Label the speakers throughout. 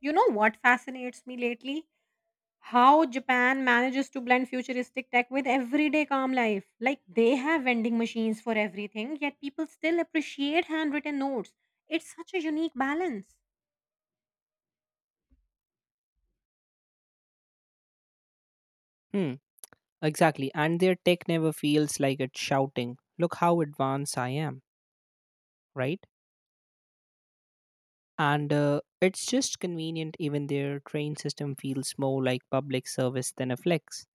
Speaker 1: You know what fascinates me lately? How Japan manages to blend futuristic tech with everyday calm life. Like they have vending machines for everything, yet people still appreciate handwritten notes. It's such a unique balance.
Speaker 2: Hmm, exactly. And their tech never feels like it's shouting, look how advanced I am, right? And it's just convenient, even their train system feels more like public service than a flex.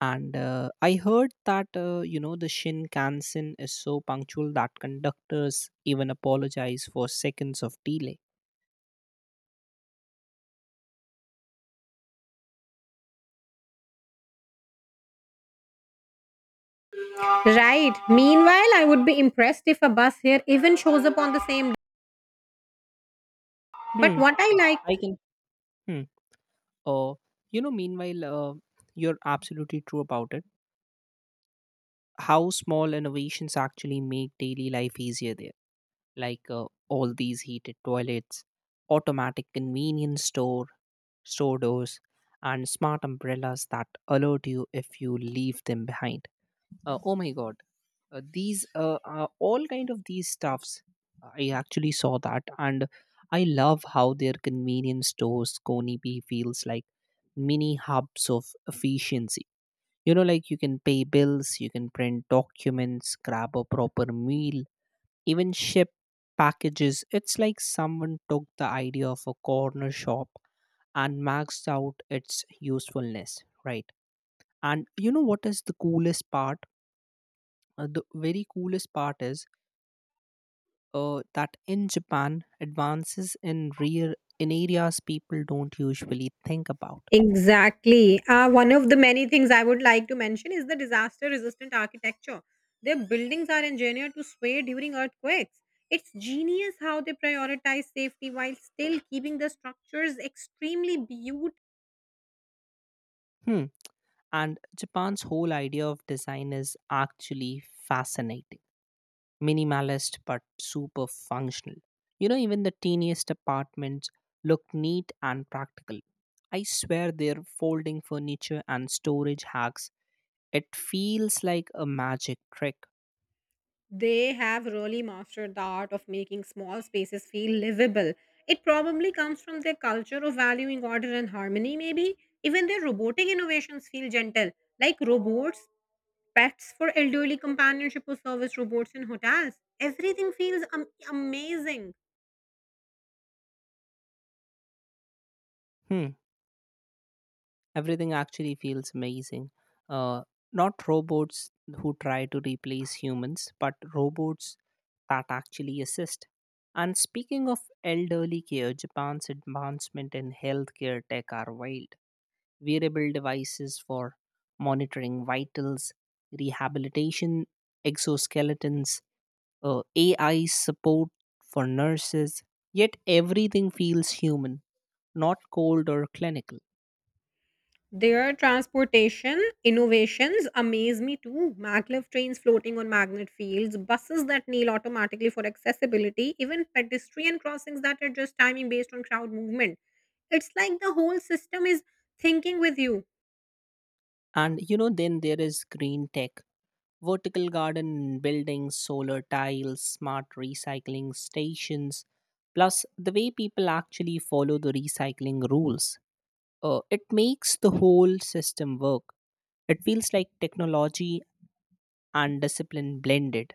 Speaker 2: And I heard that, the Shinkansen is so punctual that conductors even apologize for seconds of delay.
Speaker 1: Right. Meanwhile, I would be impressed if a bus here even shows up on the same day. But
Speaker 2: Hmm,
Speaker 1: what I
Speaker 2: I
Speaker 1: like
Speaker 2: can. Hmm. Uh, Meanwhile, you're absolutely true about it. How small innovations actually make daily life easier there like all these heated toilets, automatic convenience store doors, and smart umbrellas that alert you if you leave them behind. Oh my god, these all kind of these stuffs. I actually saw that, and I love how their convenience stores Konibi feels like mini hubs of efficiency. Like you can pay bills, you can print documents, grab a proper meal, even ship packages. It's like someone took the idea of a corner shop and maxed out its usefulness, right? And you know what is the coolest part? The very coolest part is that in Japan, advances in rear in areas people don't usually think about.
Speaker 1: exactly. One of the many things I would like to mention is the disaster resistant architecture. Their buildings are engineered to sway during earthquakes. It's genius how they prioritize safety while still keeping the structures extremely beautiful.
Speaker 2: Hmm. And Japan's whole idea of design is actually fascinating, minimalist but super functional. Even the teeniest apartments look neat and practical. I swear their folding furniture and storage hacks, it feels like a magic trick.
Speaker 1: They have really mastered the art of making small spaces feel livable. It probably comes from their culture of valuing order and harmony, maybe. Even their robotic innovations feel gentle, like robots pets for elderly companionship or service robots in hotels. Everything feels amazing.
Speaker 2: Hmm, everything actually feels amazing. Uh, Not robots who try to replace humans, but robots that actually assist. And speaking of elderly care, Japan's advancement in healthcare tech are wild. Wearable devices for monitoring vitals, rehabilitation, exoskeletons, AI support for nurses. Yet everything feels human, not cold or clinical.
Speaker 1: Their transportation innovations amaze me too. Maglev trains floating on magnet fields, buses that kneel automatically for accessibility, even pedestrian crossings that adjust timing based on crowd movement. It's like the whole system is thinking with you.
Speaker 2: And then there is green tech, vertical garden buildings, solar tiles, smart recycling stations, plus the way people actually follow the recycling rules. It makes the whole system work. It feels like technology and discipline blended.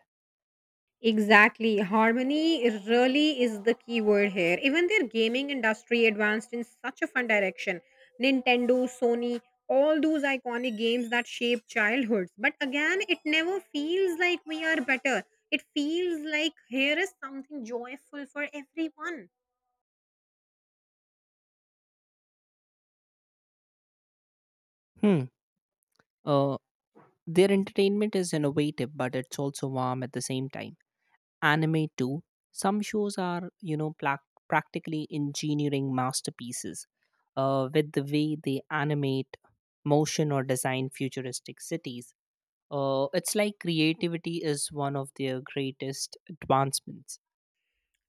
Speaker 1: Exactly. Harmony really is the key word here. Even their gaming industry advanced in such a fun direction. Nintendo, Sony, all those iconic games that shape childhoods. But again, it never feels like we are better. It feels like here is something joyful for everyone.
Speaker 2: Hmm. Uh, their entertainment is innovative, but it's also warm at the same time. Anime too. Some shows are, plac practically engineering masterpieces, with the way they animate, motion, or design futuristic cities. It's like creativity is one of their greatest advancements.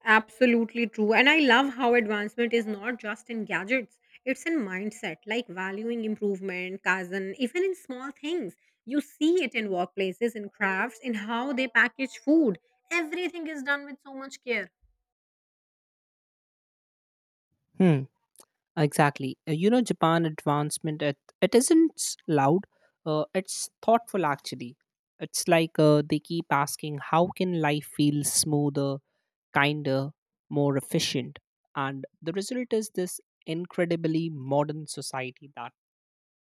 Speaker 1: Absolutely true. And I love how advancement is not just in gadgets, it's in mindset, like valuing improvement, cousin, even in small things. You see it in workplaces, in crafts, in how they package food. Everything is done with so much care.
Speaker 2: Hmm. Exactly. Japan advancement, it isn't loud, it's thoughtful actually. It's like they keep asking, how can life feel smoother, kinder, more efficient? And the result is this incredibly modern society that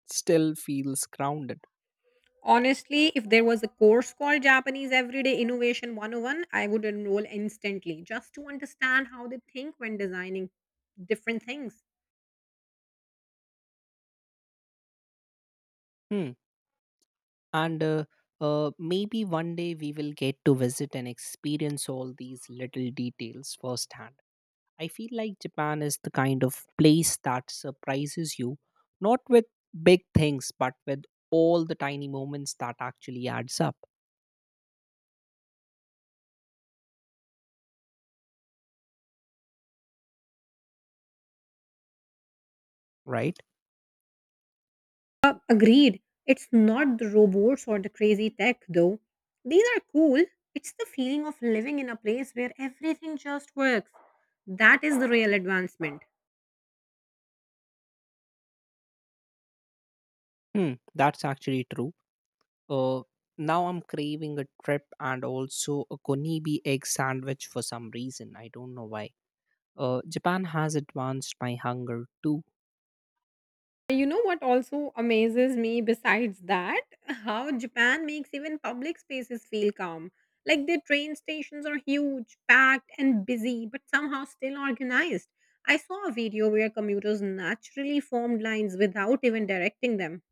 Speaker 2: still feels grounded.
Speaker 1: Honestly, if there was a course called Japanese Everyday Innovation 101, I would enroll instantly just to understand how they think when designing different things.
Speaker 2: Hmm. And maybe one day we will get to visit and experience all these little details firsthand. I feel like Japan is the kind of place that surprises you, not with big things, but with all the tiny moments that actually adds up, right?
Speaker 1: Agreed. It's not the robots or the crazy tech, though. These are cool. It's the feeling of living in a place where everything just works. That is the real advancement.
Speaker 2: Hmm, that's actually true. Uh, Now I'm craving a trip and also a konibi egg sandwich for some reason. I don't know why. Japan has advanced my hunger too.
Speaker 1: You know what also amazes me besides that? How Japan makes even public spaces feel calm. Like their train stations are huge, packed, and busy, but somehow still organized. I saw a video where commuters naturally formed lines without even directing them.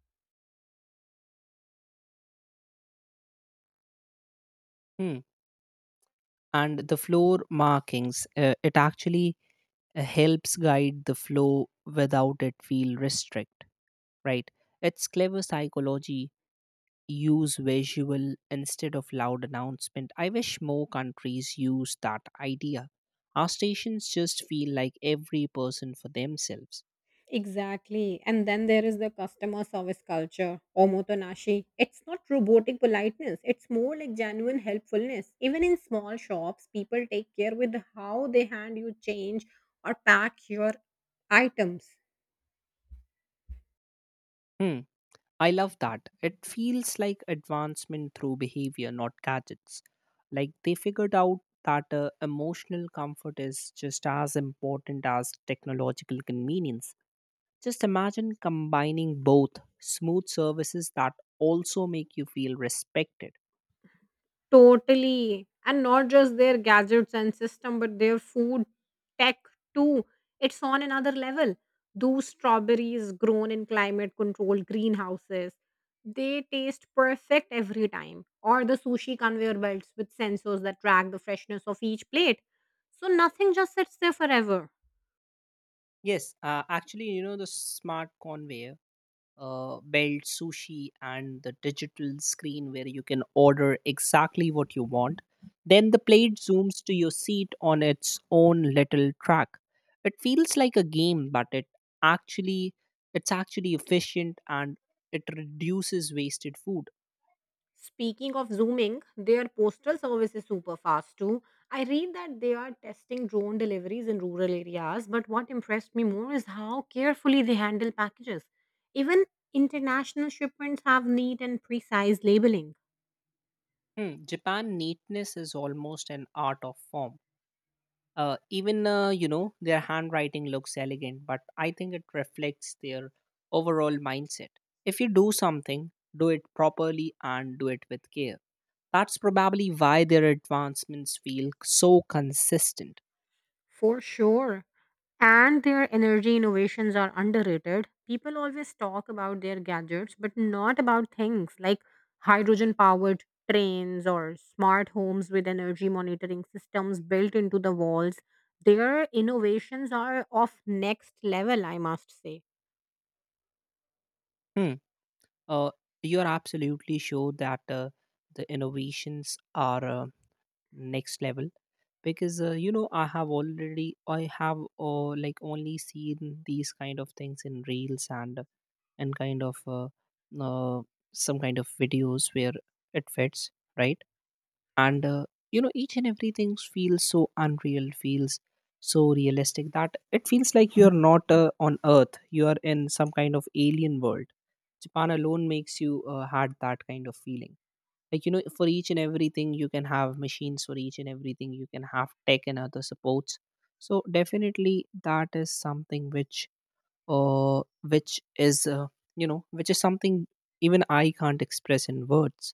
Speaker 2: Hmm. And the floor markings, it actually helps guide the flow without it feel restrict. Right? It's clever psychology. Use visual instead of loud announcement. I wish more countries use that idea. Our stations just feel like every person for themselves.
Speaker 1: Exactly. And then there is the customer service culture, omotonashi. It's not robotic politeness, it's more like genuine helpfulness. Even in small shops, people take care with how they hand you change or pack your items.
Speaker 2: Hmm, I love that. It feels like advancement through behavior, not gadgets. Like they figured out that emotional comfort is just as important as technological convenience. Just imagine combining both smooth services that also make you feel respected.
Speaker 1: Totally. And not just their gadgets and system, but their food tech too. It's on another level. Those strawberries grown in climate controlled greenhouses, they taste perfect every time. Or the sushi conveyor belts with sensors that track the freshness of each plate. So nothing just sits there forever.
Speaker 2: Yes, actually, the smart conveyor belt sushi and the digital screen where you can order exactly what you want. Then the plate zooms to your seat on its own little track. It feels like a game, but actually it's actually efficient and it reduces wasted food.
Speaker 1: Speaking of zooming, their postal service is super fast too. I read that they are testing drone deliveries in rural areas, but what impressed me more is how carefully they handle packages. Even international shipments have neat and precise labeling.
Speaker 2: Hmm, Japan neatness is almost an art of form. Even their handwriting looks elegant, but I think it reflects their overall mindset. If you do something, do it properly and do it with care. That's probably why their advancements feel so consistent.
Speaker 1: For sure. And their energy innovations are underrated. People always talk about their gadgets, but not about things like hydrogen powered trains or smart homes with energy monitoring systems built into the walls. Their innovations are of next level, I must say.
Speaker 2: Hmm. Uh, you're absolutely sure that the innovations are next level because I have like only seen these kind of things in reels and kind of uh, some kind of videos where it fits right. And each and everything feels so unreal feels so realistic that it feels like you're not on earth. You are in some kind of alien world. Japan alone makes you had that kind of feeling like for each and everything you can have machines. For each and everything you can have tech and other supports. So definitely that is something uh which is uh, which is something even I can't express in words.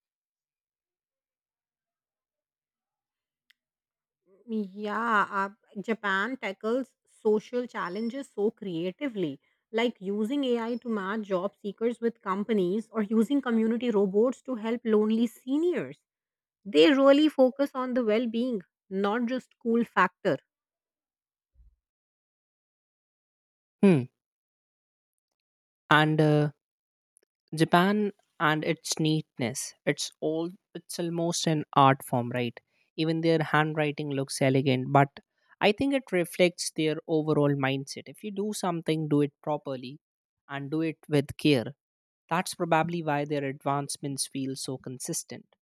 Speaker 1: Yeah, Japan tackles social challenges so creatively, like using AI to match job seekers with companies or using community robots to help lonely seniors. They really focus on the well being, not just cool factor.
Speaker 2: Hmm. And Japan and its neatness, it's almost an art form, right? Even their handwriting looks elegant, but I think it reflects their overall mindset. If you do something, do it properly and do it with care. That's probably why their advancements feel so consistent,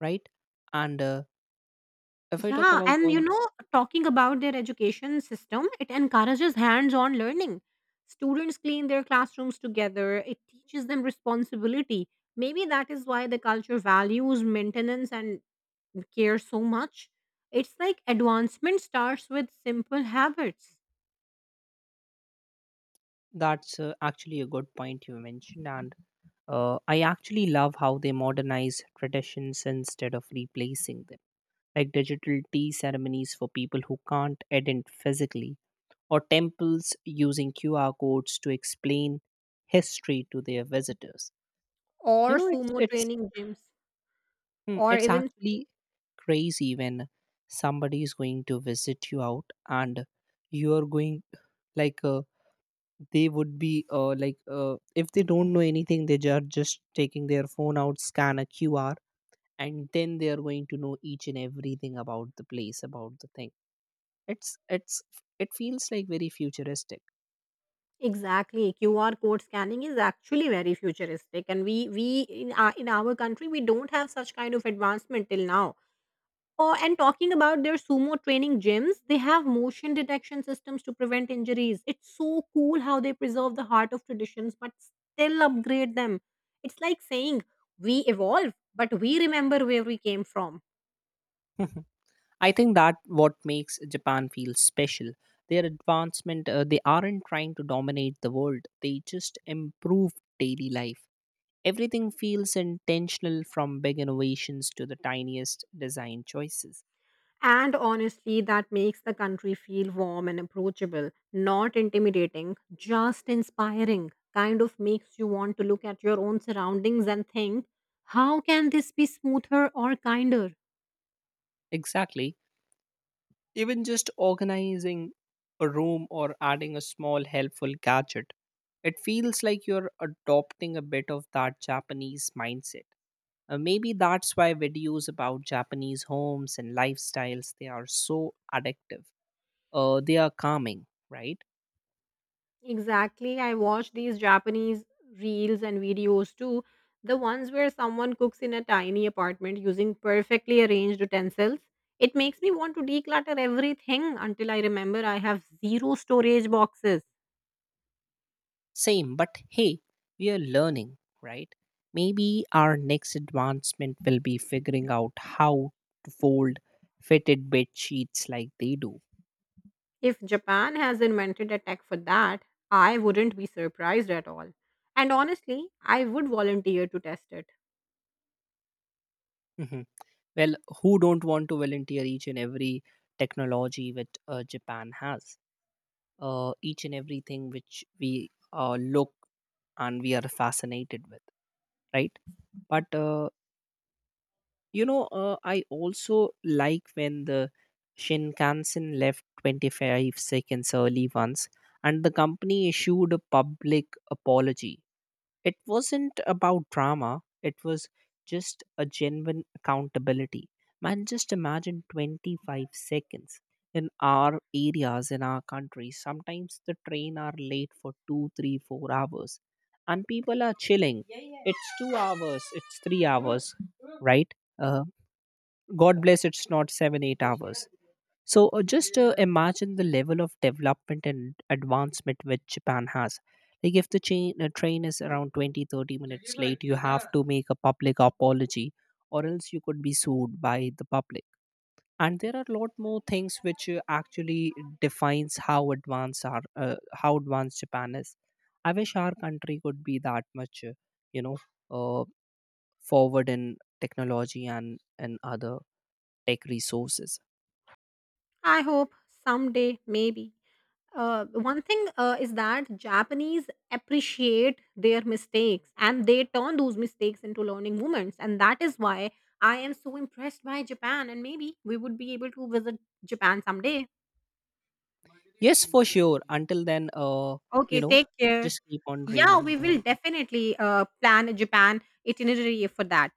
Speaker 2: right? And if I talk
Speaker 1: Yeah,
Speaker 2: about
Speaker 1: and you
Speaker 2: all,
Speaker 1: know, talking about their education system, it encourages hands on learning. Students clean their classrooms together, it teaches them responsibility. Maybe that is why the culture values maintenance and care so much. It's like advancement starts with simple habits
Speaker 2: that's actually a good point you mentioned. And I actually love how they modernize traditions instead of replacing them, like digital tea ceremonies for people who can't attend physically, or temples using QR codes to explain history to their visitors.
Speaker 1: or
Speaker 2: You know,
Speaker 1: sumo
Speaker 2: it's
Speaker 1: training gyms
Speaker 2: Hmm.
Speaker 1: or
Speaker 2: It's
Speaker 1: even
Speaker 2: actually crazy when somebody is going to visit you out and you are going like they would be like if they don't know anything they are just taking their phone out, scan a QR, and then they are going to know each and everything about the place about the thing. it's it's it feels like very futuristic.
Speaker 1: exactly. QR code scanning is actually very futuristic and we in our country we don't have such kind of advancement till now. Oh, and talking about their sumo training gyms, they have motion detection systems to prevent injuries. It's so cool how they preserve the heart of traditions but still upgrade them. It's like saying we evolve but we remember where we came from.
Speaker 2: I think that what makes Japan feel special. Their advancement, they aren't trying to dominate the world. They just improve daily life. Everything feels intentional from big innovations to the tiniest design choices.
Speaker 1: And honestly, that makes the country feel warm and approachable, not intimidating, just inspiring. Kind of makes you want to look at your own surroundings and think, how can this be smoother or kinder?
Speaker 2: Exactly. Even just organizing a room or adding a small helpful gadget, it feels like you're adopting a bit of that Japanese mindset. Maybe that's why videos about Japanese homes and lifestyles they are so addictive. They are calming, right?
Speaker 1: Exactly. I watch these Japanese reels and videos too. The ones where someone cooks in a tiny apartment using perfectly arranged utensils. It makes me want to declutter everything until I remember I have zero storage boxes.
Speaker 2: Same, but hey, we are learning, right? Maybe our next advancement will be figuring out how to fold fitted bed sheets like they do.
Speaker 1: If Japan has invented a tech for that, I wouldn't be surprised at all. And honestly, I would volunteer to test it.
Speaker 2: Mhm. Well, who don't want to volunteer each and every technology which Japan has? Each and everything which we look and we are fascinated with, right? But I also like when the Shinkansen left 25 seconds early once, and the company issued a public apology. It wasn't about drama, it was just a genuine accountability. Man, just imagine 25 seconds. In our areas, in our country, sometimes the train are late for 2, 3, 4 hours, and people are chilling. Yeah, yeah. It's 2 hours, it's 3 hours, right? Uh, God bless, it's not 7, 8 hours. So just imagine the level of development and advancement which Japan has. Like if the train is around 20, 30 minutes late, you have to make a public apology or else you could be sued by the public. And there are a lot more things which actually defines how advanced how advanced Japan is. I wish our country could be that much, you know, uh, forward in technology and other tech resources.
Speaker 1: I hope someday, maybe. One thing is that Japanese appreciate their mistakes and they turn those mistakes into learning moments. And that is why I am so impressed by Japan. And maybe we would be able to visit Japan someday.
Speaker 2: Yes, for sure. Until then, you
Speaker 1: Okay,
Speaker 2: know,
Speaker 1: take care.
Speaker 2: just keep on
Speaker 1: Yeah,
Speaker 2: dreaming.
Speaker 1: we
Speaker 2: Bye.
Speaker 1: will definitely plan a Japan itinerary for that.